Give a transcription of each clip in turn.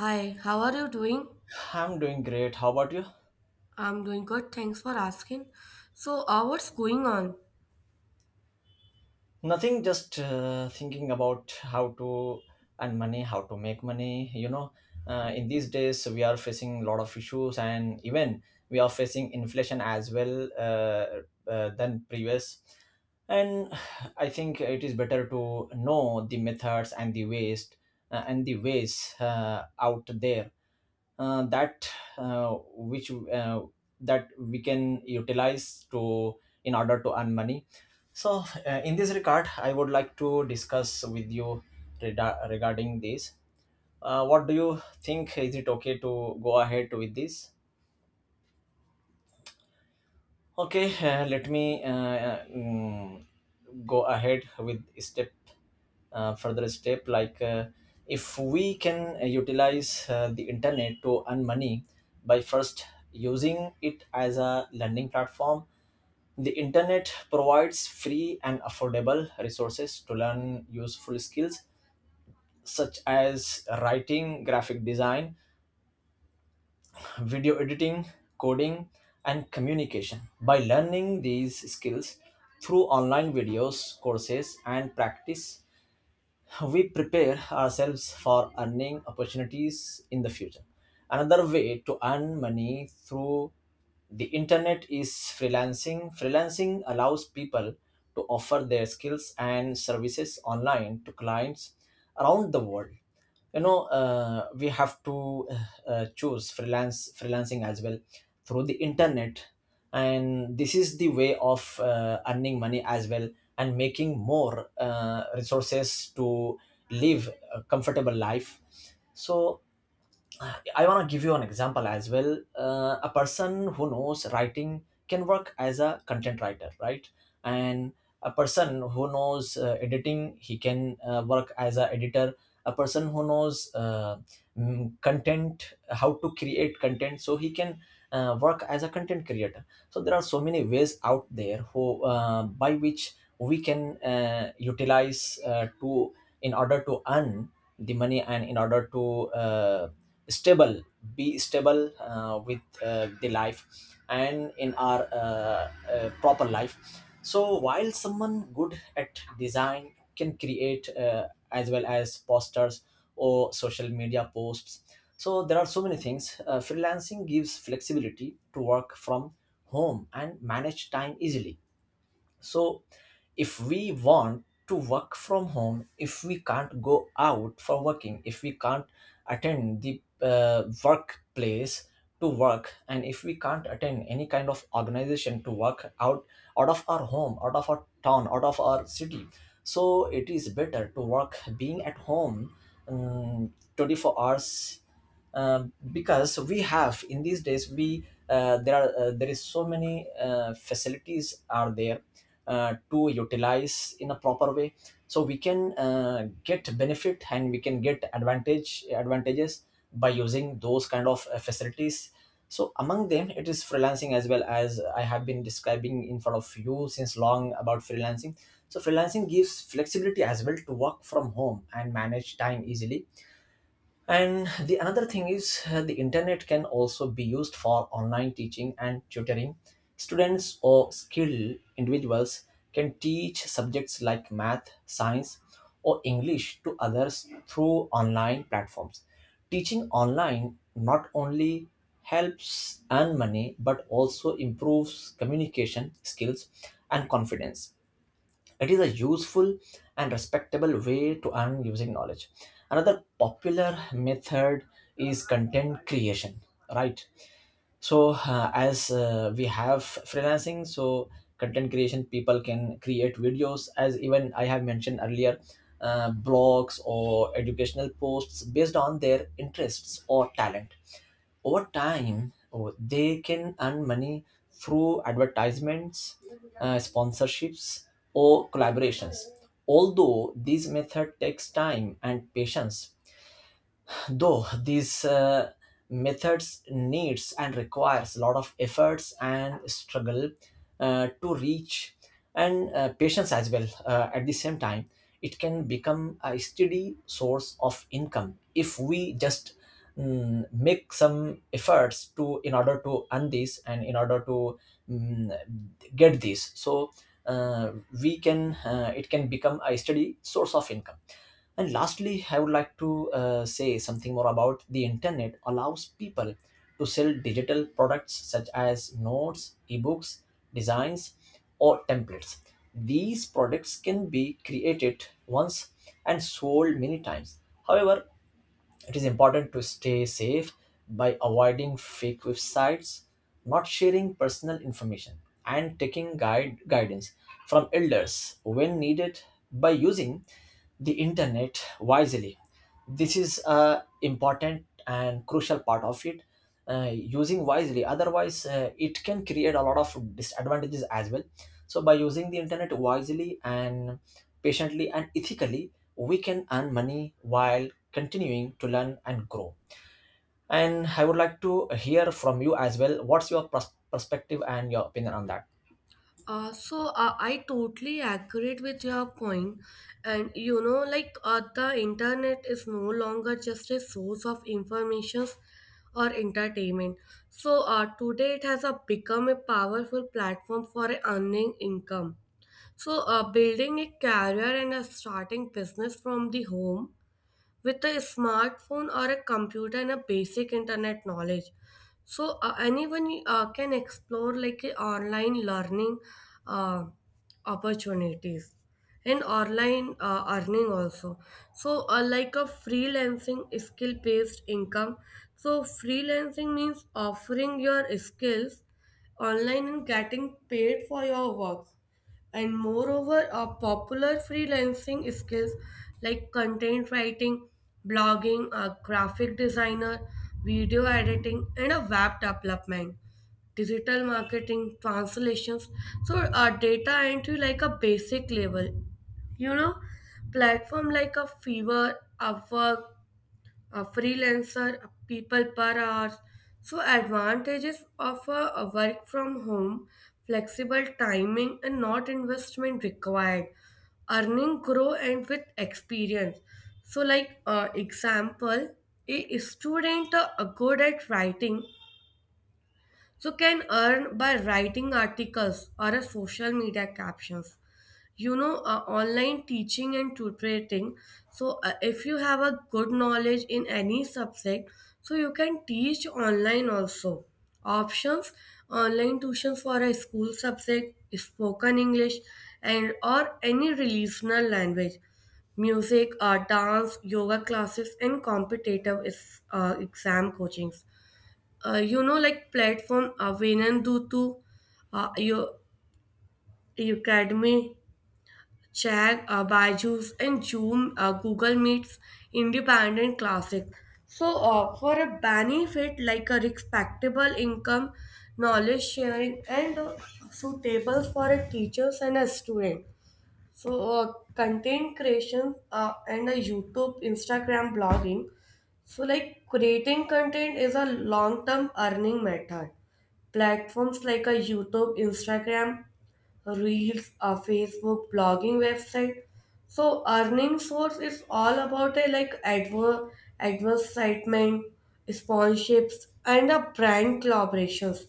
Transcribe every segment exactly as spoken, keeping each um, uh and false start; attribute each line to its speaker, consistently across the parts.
Speaker 1: Hi, how are you doing?
Speaker 2: I'm doing great. How about you?
Speaker 1: I'm doing good, thanks for asking. So, uh, what's going on?
Speaker 2: Nothing, just uh, thinking about how to earn money, how to make money. You know, uh, in these days, we are facing a lot of issues, and even we are facing inflation as well uh, uh, than previous. And I think it is better to know the methods and the ways uh, and the ways uh, out there uh, that uh, which uh, that we can utilize to in order to earn money, so uh, in this regard, I would like to discuss with you reda- regarding this. Uh, what do you think, is it okay to go ahead with this? Okay, uh, let me uh, uh, mm, go ahead with step, uh, further step, like uh, if we can uh, utilize uh, the internet to earn money by first using it as a learning platform. The internet provides free and affordable resources to learn useful skills such as writing, graphic design, video editing, coding, and communication. By learning these skills through online videos, courses, and practice, we prepare ourselves for earning opportunities in the future. Another way to earn money through the internet is freelancing. Freelancing allows people to offer their skills and services online to clients around the world. You know, uh, we have to uh, uh, choose freelance freelancing as well through the internet, and this is the way of uh, earning money as well, and making more uh, resources to live a comfortable life. So I want to give you an example as well. Uh, a person who knows writing can work as a content writer, right? And a person who knows uh, editing, he can uh, work as a editor. A person who knows uh, mm, content, how to create content, so he can uh, work as a content creator. So there are so many ways out there who uh, by which we can uh, utilize uh, to in order to earn the money, and in order to uh, stable, be stable uh, with uh, the life and in our uh, uh, proper life. So while someone good at design can create uh, as well as posters or social media posts, so there are so many things. Uh, freelancing gives flexibility to work from home and manage time easily. So if we want to work from home, if we can't go out for working, if we can't attend the uh, workplace to work, and if we can't attend any kind of organization to work out, out of our home, out of our town, out of our city, so it is better to work being at home um, twenty-four hours, um, because we have, in these days, we uh, there are uh, there is so many uh, facilities are there uh, to utilize in a proper way, so we can uh, get benefit and we can get advantage advantages by using those kind of uh, facilities. So among them, it is freelancing, as well as I have been describing in front of you since long about freelancing. So freelancing gives flexibility as well to work from home and manage time easily. And the another thing is, uh, the internet can also be used for online teaching and tutoring. Students or skilled individuals can teach subjects like math, science, or English to others through online platforms. Teaching online not only helps earn money but also improves communication skills and confidence. It is a useful and respectable way to earn using knowledge. Another popular method is content creation, right? So, uh, as uh, we have freelancing, so content creation, people can create videos, as even I have mentioned earlier, uh, blogs or educational posts based on their interests or talent. Over time, oh, they can earn money through advertisements, uh, sponsorships, or collaborations. Although this method takes time and patience, though these uh, methods needs and requires a lot of efforts and struggle uh, to reach, and uh, patience as well uh, at the same time, it can become a steady source of income if we just mm, make some efforts to in order to earn this and in order to mm, get this. So uh, we can uh, it can become a steady source of income. And lastly, I would like to uh, say something more about the internet allows people to sell digital products such as notes, ebooks, designs, or templates. These products can be created once and sold many times. However, it is important to stay safe by avoiding fake websites, not sharing personal information, and taking guide guidance from elders when needed. By using the internet wisely, this is a important and crucial part of it, uh, using wisely, otherwise uh, it can create a lot of disadvantages as well. So by using the internet wisely and patiently and ethically, we can earn money while continuing to learn and grow. And I would like to hear from you as well, what's your pers- perspective and your opinion on that?
Speaker 1: Uh, so, uh, I totally agree with your point, point. and you know, like uh, the internet is no longer just a source of information or entertainment. So, uh, today it has uh, become a powerful platform for earning income. So, uh, building a career and uh, starting business from the home with a smartphone or a computer and a basic internet knowledge, so uh, anyone uh, can explore like uh, online learning uh, opportunities and online uh, earning also. So uh, like a freelancing skill based income, so freelancing means offering your skills online and getting paid for your work. And moreover are popular freelancing skills like content writing, blogging, a graphic designer, video editing, and a web development, digital marketing, translations. So uh, data entry, like a basic level, you know, platform like a fever, upwork, a freelancer, a people per hour. So advantages of a, a work from home, flexible timing and not investment required, earning grow and with experience. So like uh, example, a student uh, uh, good at writing, so can earn by writing articles or a social media captions, you know. Uh, online teaching and tutoring. So uh, if you have a good knowledge in any subject, so you can teach online also. Options, online tuitions for a school subject, spoken english and or any regional language, music, uh, dance, yoga classes and competitive is, uh, exam coachings. Uh, you know, like platform, uh, Venan Dutu, uh, your academy, Chag, uh, Byju's, and Zoom, uh, Google Meets, Independent Classic. So, uh, for a benefit, like a respectable income, knowledge sharing, and uh, suitable for a teachers and a student. So, uh, content creation uh, and a YouTube, Instagram blogging. So, like creating content is a long term earning method. Platforms like a YouTube, Instagram, Reels, a Facebook, blogging website. So earning source is all about a, like adver advertisement, sponsorships, and a brand collaborations.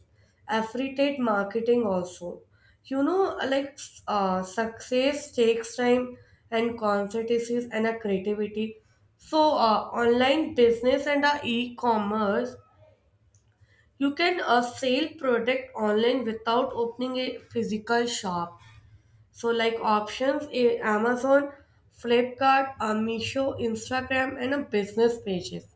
Speaker 1: Affiliate marketing also. You know, like uh, success takes time and consistency and a creativity. So uh, online business and uh, e-commerce, you can uh, sell product online without opening a physical shop. So like options, eh, Amazon, Flipkart, uh, Meesho, Instagram and a business pages,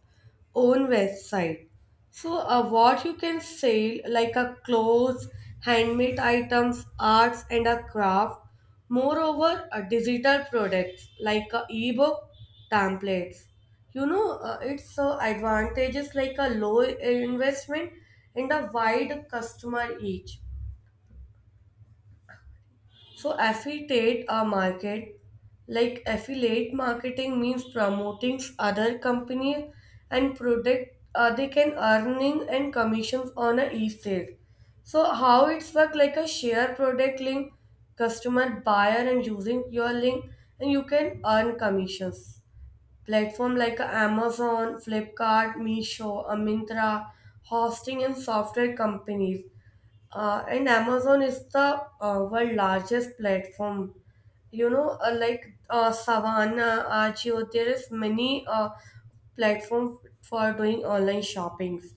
Speaker 1: own website. So uh, what you can sell, like a clothes, handmade items, arts and a craft. Moreover, uh, digital products like a ebook, templates. You know, uh, its uh, advantages like a low investment and a wide customer reach. So affiliate a market, like affiliate marketing means promoting other company and product, uh, they can earning and commissions on a e-sale. So how it's work, like a share product link, customer buyer and using your link and you can earn commissions. Platform like a Amazon, Flipkart, Meesho, a Myntra, hosting and software companies, uh, and Amazon is the uh, world largest platform. You know, uh, like uh, Savannah, Ajio, there is many uh, platform for doing online shoppings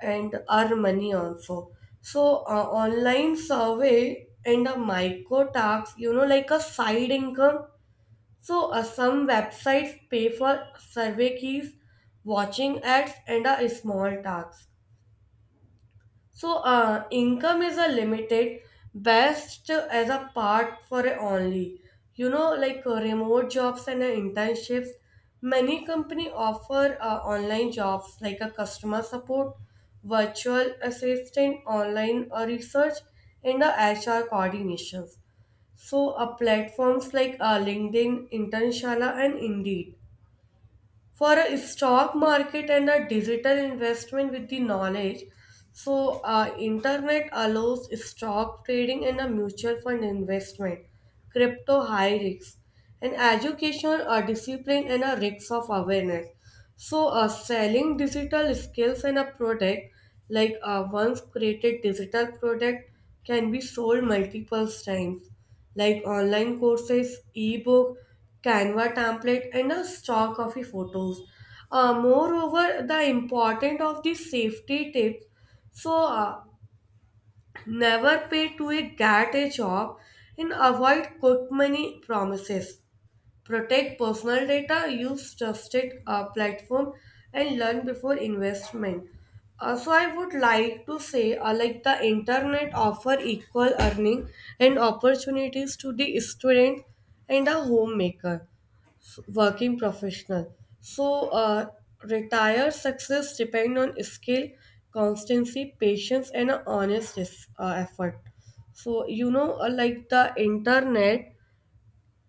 Speaker 1: and earn money also. So uh, online survey and a micro tax, you know, like a side income. So uh, some websites pay for survey keys, watching ads, and a small tax. So, uh, income is a limited, best as a part for a only. You know, like uh, remote jobs and uh, internships. Many company offer uh, online jobs like a customer support, virtual assistant, online uh, research, and uh, H R coordinations. So, uh, platforms like uh, LinkedIn, Internshala, and Indeed for a stock market and a digital investment with the knowledge. So uh, internet allows stock trading and a mutual fund investment, crypto high risk and education, uh, discipline and a risk of awareness. So uh, selling digital skills and a product, like uh, once created digital product can be sold multiple times, like online courses, ebook, Canva template, and a stock of the photos. Uh, moreover, the important of the safety tips. So uh, never pay to a get a job and avoid quick money promises, protect personal data, use trusted uh, platform, and learn before investment. Uh, so I would like to say, uh, like the internet offer equal earning and opportunities to the student and a homemaker, s- working professional. So uh, retired success depend on skill, constancy, patience, and a honest es- uh, effort. So you know, uh, like the internet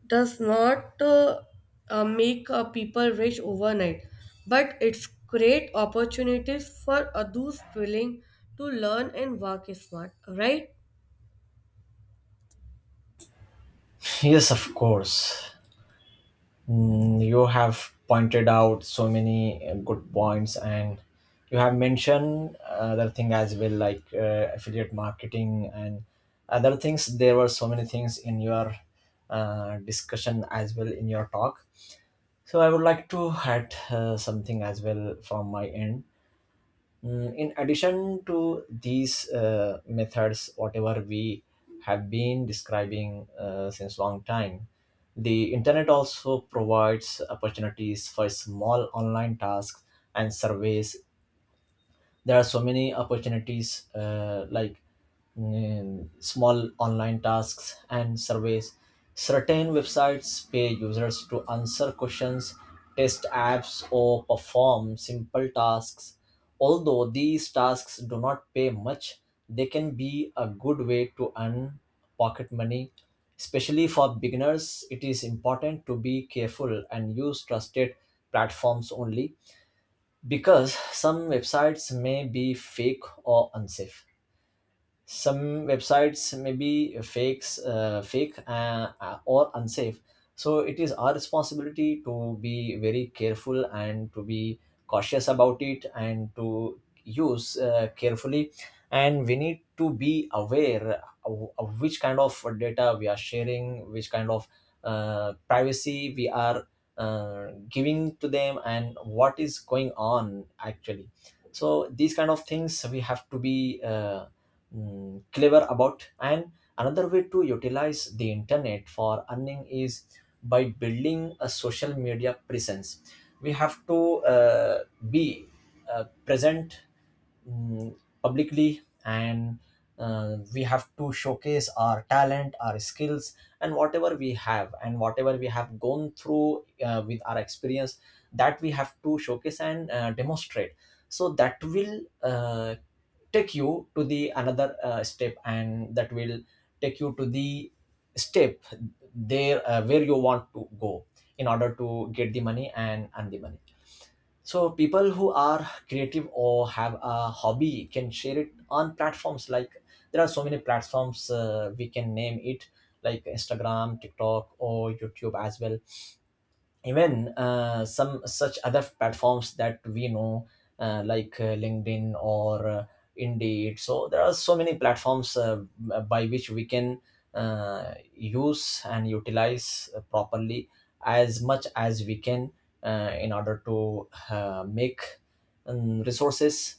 Speaker 1: does not uh, uh, make uh, people rich overnight, but it's great opportunities for uh, those willing to learn and work smart, right?
Speaker 2: Yes, of course. Mm, you have pointed out so many uh, good points, and you have mentioned other thing as well, like uh, affiliate marketing and other things. There were so many things in your uh, discussion as well, in your talk. So I would like to add uh, something as well from my end. Mm, in addition to these uh, methods, whatever we have been describing uh, since long time, the internet also provides opportunities for small online tasks and surveys. There are so many opportunities uh, like mm, small online tasks and surveys. Certain websites pay users to answer questions, test apps, or perform simple tasks. Although these tasks do not pay much, they can be a good way to earn pocket money, especially for beginners. It is important to be careful and use trusted platforms only, because some websites may be fake or unsafe. Some websites may be fakes uh, fake uh, uh, or unsafe. So it is our responsibility to be very careful and to be cautious about it, and to use uh, carefully. And we need to be aware of, of which kind of data we are sharing, which kind of uh, privacy we are uh, giving to them, and what is going on actually. So these kind of things we have to be uh, mm, clever about. And another way to utilize the internet for earning is by building a social media presence. We have to uh, be uh, present, mm, publicly, and uh, we have to showcase our talent, our skills, and whatever we have, and whatever we have gone through uh, with our experience, that we have to showcase and uh, demonstrate. So that will uh, take you to the another uh, step, and that will take you to the step there uh, where you want to go in order to get the money and earn the money. So people who are creative or have a hobby can share it on platforms like, there are so many platforms uh, we can name it, like Instagram, TikTok, or YouTube as well. Even uh, some such other platforms that we know, uh, like uh, LinkedIn or uh, Indeed. So there are so many platforms uh, by which we can uh, use and utilize uh, properly as much as we can uh, in order to uh, make um, resources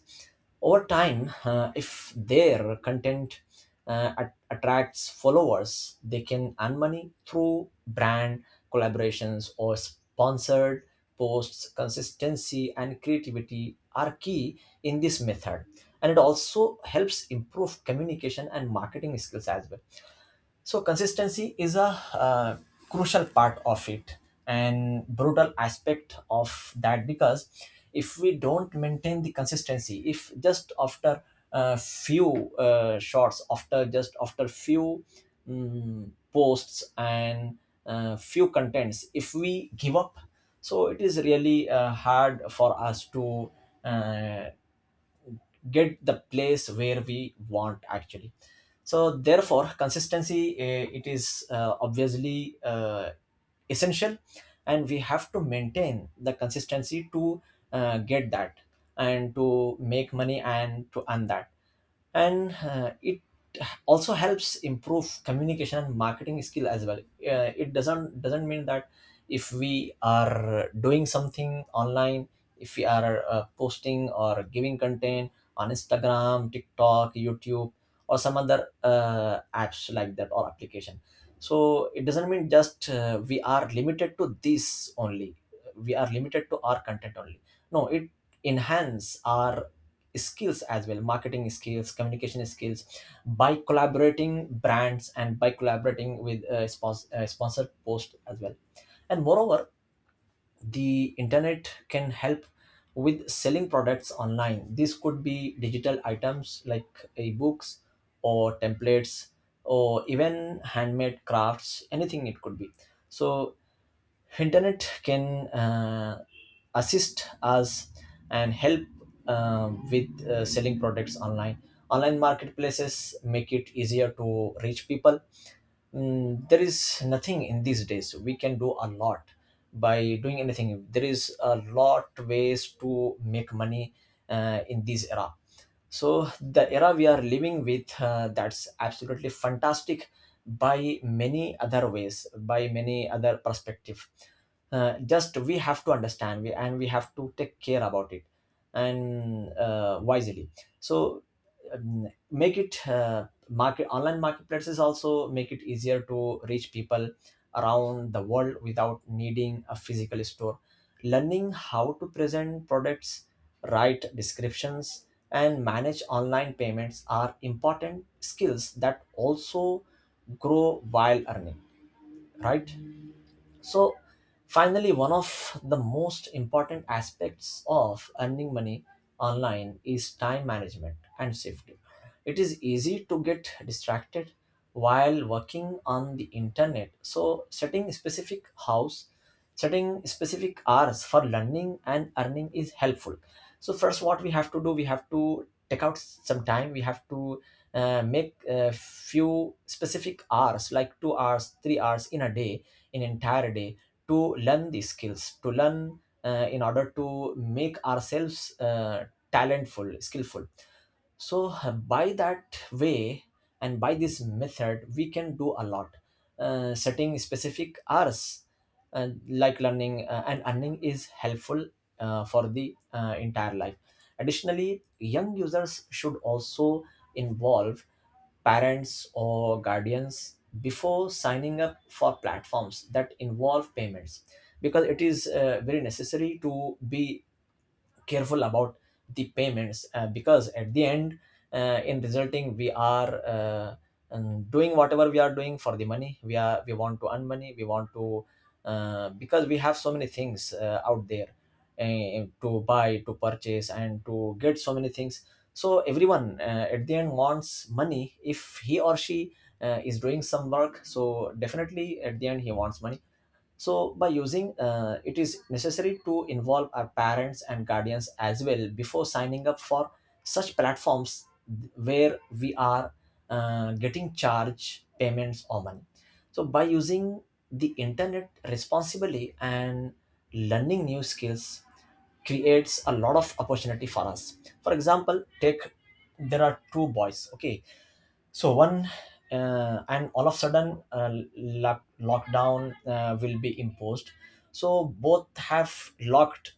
Speaker 2: over time. Uh, if their content uh, at- attracts followers, they can earn money through brand collaborations or sponsored posts. Consistency and creativity are key in this method, and it also helps improve communication and marketing skills as well. So consistency is a uh, crucial part of it and brutal aspect of that, because if we don't maintain the consistency, if just after a few uh, shots, after just after few mm, posts and uh, few contents if we give up, so it is really uh, hard for us to uh, get the place where we want actually. So therefore consistency, eh, it is uh, obviously uh, essential, and we have to maintain the consistency to uh, get that, and to make money and to earn that. And uh, it also helps improve communication and marketing skill as well. Uh, it doesn't doesn't mean that if we are doing something online, if we are uh, posting or giving content on Instagram, TikTok, YouTube, or some other uh, apps like that or application, so it doesn't mean just uh, we are limited to this only, we are limited to our content only. No, it enhance our skills as well, marketing skills, communication skills, by collaborating brands and by collaborating with uh, spons- uh, sponsored post as well. And moreover, the internet can help with selling products online. This could be digital items like ebooks or templates, or even handmade crafts, anything it could be. So internet can uh, assist us and help um, with uh, selling products online. Online marketplaces make it easier to reach people. Mm, there is nothing in these days we can Do a lot by doing anything. There is a lot ways to make money uh, in this era. So the era we are living with, uh, that's absolutely fantastic, by many other ways, by many other perspective. Uh, just we have to understand we, and we have to take care about it, and uh, wisely. So um, make it uh, market online marketplaces also make it easier to reach people around the world without needing a physical store. Learning how to present products, write descriptions, and manage online payments are important skills that also grow while earning, right? So, finally, one of the most important aspects of earning money online is time management and safety. It is easy to get distracted while working on the internet. So, setting specific hours, setting specific hours for learning and earning is helpful. So, first, what we have to do, we have to take out some time, we have to uh, make a few specific hours like two hours, three hours in a day, in entire day, to learn these skills to learn, uh, in order to make ourselves, uh, talentful, skillful. So, uh, by that way and by this method we can do a lot. Uh, setting specific hours and like learning uh, and earning is helpful uh, for the uh, entire life. Additionally, young users should also involve parents or guardians before signing up for platforms that involve payments, because it is uh, very necessary to be careful about the payments, uh, because at the end, uh, in resulting, we are uh, um, doing whatever we are doing for the money. We are we want to earn money, we want to, uh, because we have so many things uh, out there, uh, to buy, to purchase, and to get so many things. So everyone, uh, at the end, wants money. If he or she uh, is doing some work, so definitely at the end he wants money. So by using uh, it is necessary to involve our parents and guardians as well before signing up for such platforms where we are uh, getting charge payments or money. So by using the internet responsibly and learning new skills creates a lot of opportunity for us. For example, take, there are two boys, okay. So one, uh, and all of a sudden uh, lock, lockdown uh, will be imposed. So both have locked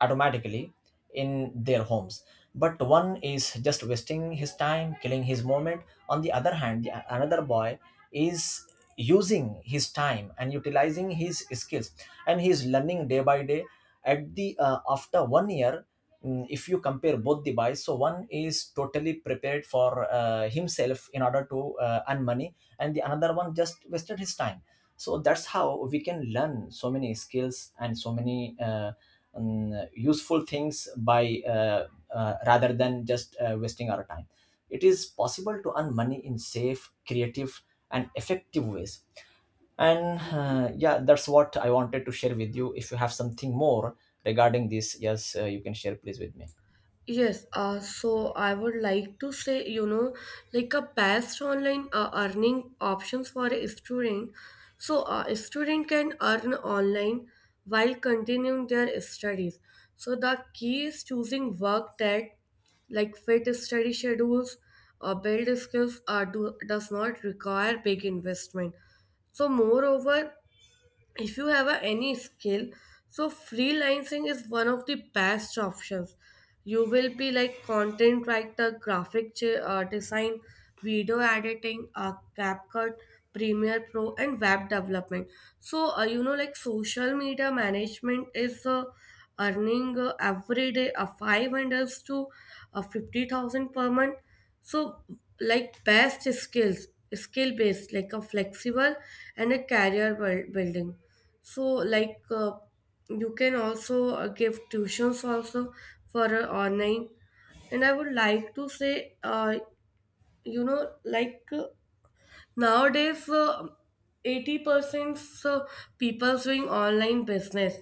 Speaker 2: automatically in their homes. But one is just wasting his time, killing his moment. On the other hand, the, another boy is using his time and utilizing his skills, and he is learning day by day. At the uh, After one year, mm, if you compare both the buys, so one is totally prepared for uh, himself in order to uh, earn money, and the another one just wasted his time. So that's how we can learn so many skills and so many uh, mm, useful things by uh, uh, rather than just uh, wasting our time. It is possible to earn money in safe, creative, and effective ways. And uh, yeah, that's what I wanted to share with you. If you have something more regarding this, yes, uh, you can share, please, with me.
Speaker 1: Yes, uh, so I would like to say, you know, like a past online uh, earning options for a student. So uh, a student can earn online while continuing their studies. So the key is choosing work that like fit study schedules or build skills, uh, do, does not require big investment. So moreover, if you have a, any skill, so freelancing is one of the best options. You will be like content writer, graphic ch- uh, design, video editing, uh, capcut, premiere pro and web development. So uh, you know, like social media management is uh, earning uh, every day uh, five hundred to uh, fifty thousand per month. So, like best skills, skill based, like a flexible and a career buil- building. So, like uh, you can also uh, give tuitions also for uh, online. And I would like to say, uh, you know, like. uh, nowadays, uh, eighty percent uh, people doing online business.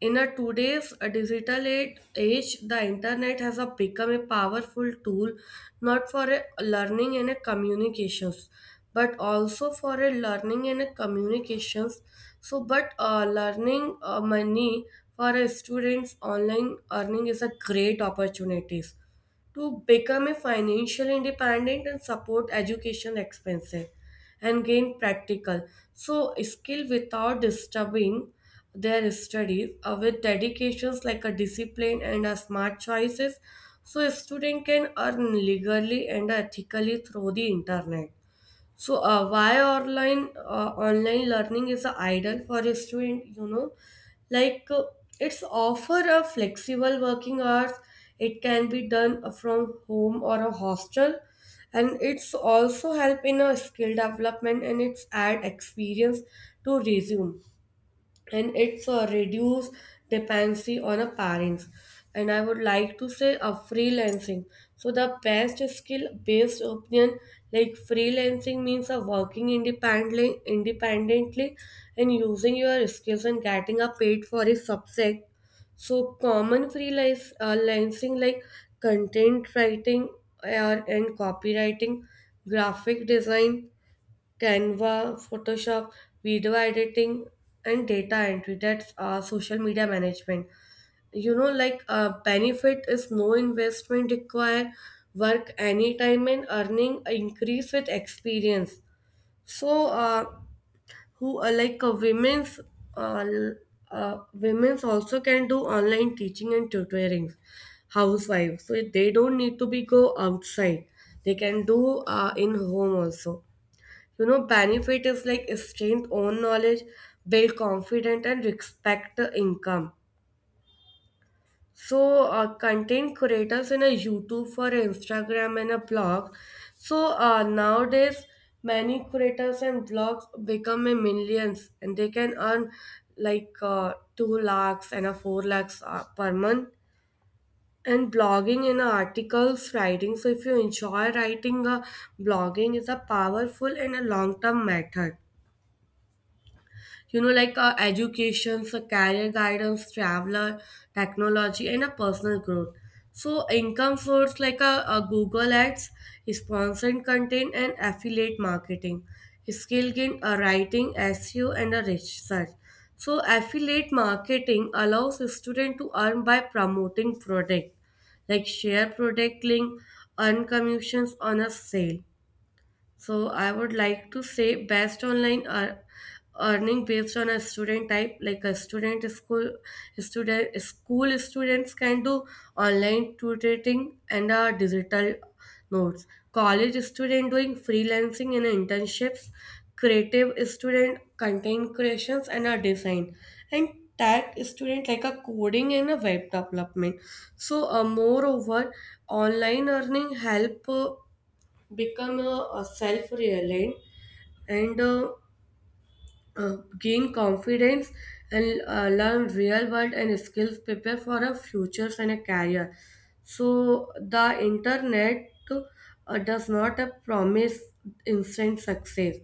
Speaker 1: In a today's uh, digital age, age, the internet has uh, become a powerful tool not for a learning and a communications, but also for a learning and a communications. So, but uh, learning uh, money for a students online earning is a great opportunities to become a financial independent and support education expenses and gain practical, so skill without disturbing their studies uh, with dedications like a discipline and a smart choices. So a student can earn legally and ethically through the internet. So uh, why online uh, online learning is an ideal for a student, you know, like uh, it's offer a flexible working hours. It can be done uh, from home or a hostel, and it's also help in a skill development and it's add experience to resume and it's a reduce dependency on a parents. And I would like to say a freelancing, so the best skill based opinion, like freelancing means a working independently independently and using your skills and getting a paid for a subject. So common freelance uh, lancing, like content writing or and copywriting, graphic design, Canva, Photoshop, video editing, and data entry. That's uh, social media management. You know, like uh, benefit is no investment required, work anytime and earning increase with experience. So, uh, who uh, like uh, women's uh, l- uh, women's also can do online teaching and tutoring, housewives. So they don't need to be go outside. They can do uh, in home also. You know, benefit is like strength, own knowledge, build confidence, and respect the income. So, uh, content creators in a YouTube for Instagram and a blog. So uh, nowadays, many creators and blogs become a millions, and they can earn like uh, two lakhs and a four lakhs uh, per month. And blogging in articles, writing. So if you enjoy writing, uh, blogging is a powerful and a long-term method. You know, like uh, education, so career guidance, traveler, technology and a personal growth. So income source like a, a google ads, sponsored content and affiliate marketing, skill gain a writing, seo and a research. So affiliate marketing allows a student to earn by promoting product, like share product link, earn commissions on a sale. So I would like to say best online are earning based on a student type, like a student school student school students can do online tutoring and uh, digital notes, college student doing freelancing and internships, creative student content creations and a design, and tech student like a coding and a web development. So uh, moreover online earning help uh, become uh, uh, self-reliant and uh, uh, gain confidence and uh, learn real world and skills prepare for a futures and a career. So the internet uh, does not uh, promise instant success,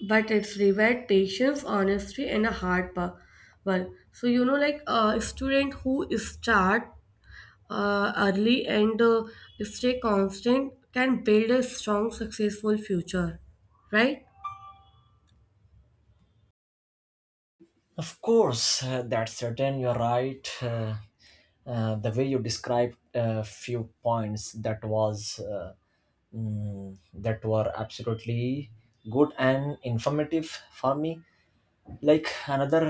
Speaker 1: but it's reward patience, honesty and a hard pa- work. So you know, like a student who start uh, early and uh, stay constant can build a strong, successful future, right?
Speaker 2: Of course, uh, that's certain. You're right. Uh, uh, the way you described a few points, that was uh, mm, that were absolutely good and informative for me. Like another,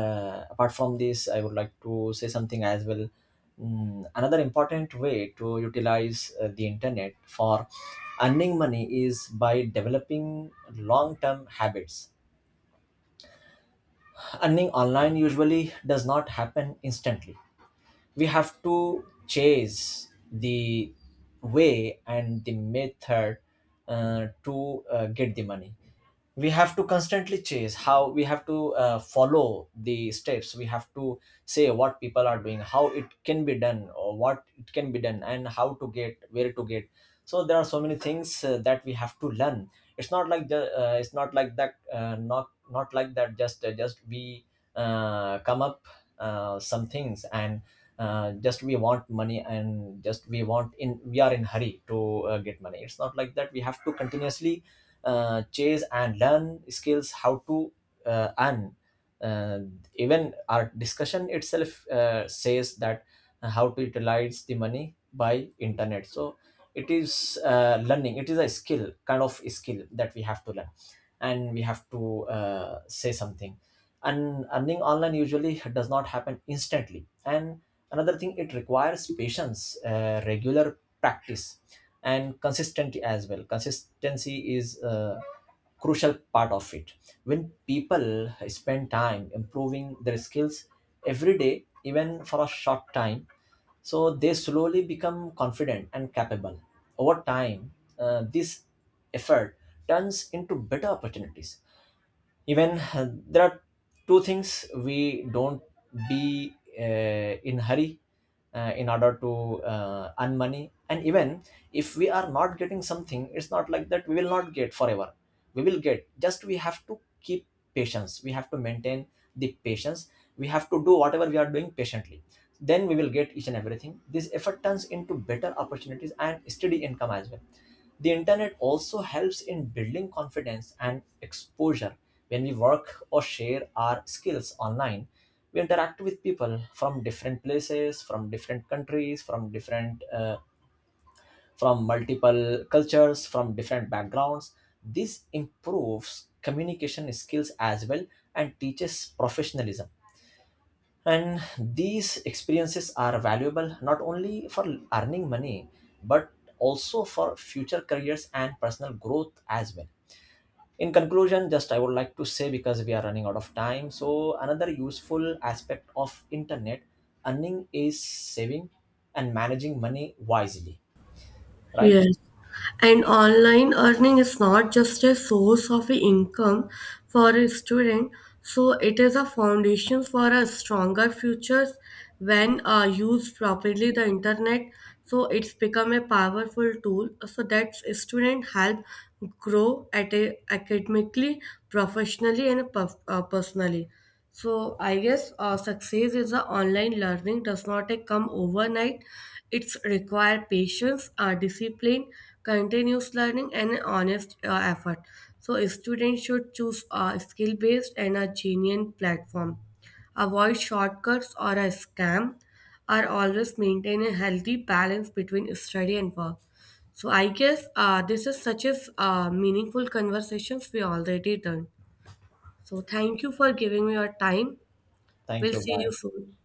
Speaker 2: uh, apart from this, I would like to say something as well. Mm, another important way to utilize uh, the internet for earning money is by developing long-term habits. Earning online usually does not happen instantly. We have to chase the way and the method uh, to uh, get the money. We have to constantly chase how, we have to uh, follow the steps, we have to say what people are doing, how it can be done or what it can be done, and how to get, where to get. So there are so many things uh, that we have to learn. It's not like the uh, it's not like that, uh, not not like that, just uh, just we uh, come up uh, some things, and uh, just we want money, and just we want in we are in hurry to uh, get money. It's not like that. We have to continuously uh, chase and learn skills how to uh, earn. uh, Even our discussion itself uh, says that uh, how to utilize the money by internet. So it is uh, learning, it is a skill, kind of skill, that we have to learn and we have to uh, say something. And earning online usually does not happen instantly, and another thing, it requires patience, uh, regular practice, and consistency as well. Consistency is a crucial part of it. When people spend time improving their skills every day, even for a short time, so they slowly become confident and capable over time. Uh, this effort turns into better opportunities. Even, uh, there are two things. We don't be uh, in hurry uh, in order to uh, earn money. And even if we are not getting something, it's not like that we will not get forever. We will get, just we have to keep patience, we have to maintain the patience. We have to do whatever we are doing patiently, then we will get each and everything. This effort turns into better opportunities and steady income as well. The internet also helps in building confidence and exposure. When we work or share our skills online, we interact with people from different places, from different countries, from different, uh, from multiple cultures, from different backgrounds. This improves communication skills as well and teaches professionalism. And these experiences are valuable not only for earning money, but also for future careers and personal growth as well. In conclusion, just I would like to say, because we are running out of time, so another useful aspect of internet earning is saving and managing money wisely. Right?
Speaker 1: Yes. And online earning is not just a source of income for a student, so it is a foundation for a stronger future when uh, used properly the internet. So it's become a powerful tool so that student help grow at a, academically, professionally and per, uh, personally. So I guess uh, success is a online learning does not uh, come overnight. It's require patience, uh, discipline, continuous learning, and an honest uh, effort. So a student should choose a skill based and a genuine platform. Avoid shortcuts or a scam. Are always maintain a healthy balance between study and work. So I guess uh, this is such as uh, meaningful conversations we already done. So thank you for giving me your time.
Speaker 2: Thank
Speaker 1: We'll
Speaker 2: you.
Speaker 1: see you
Speaker 2: Bye.
Speaker 1: soon.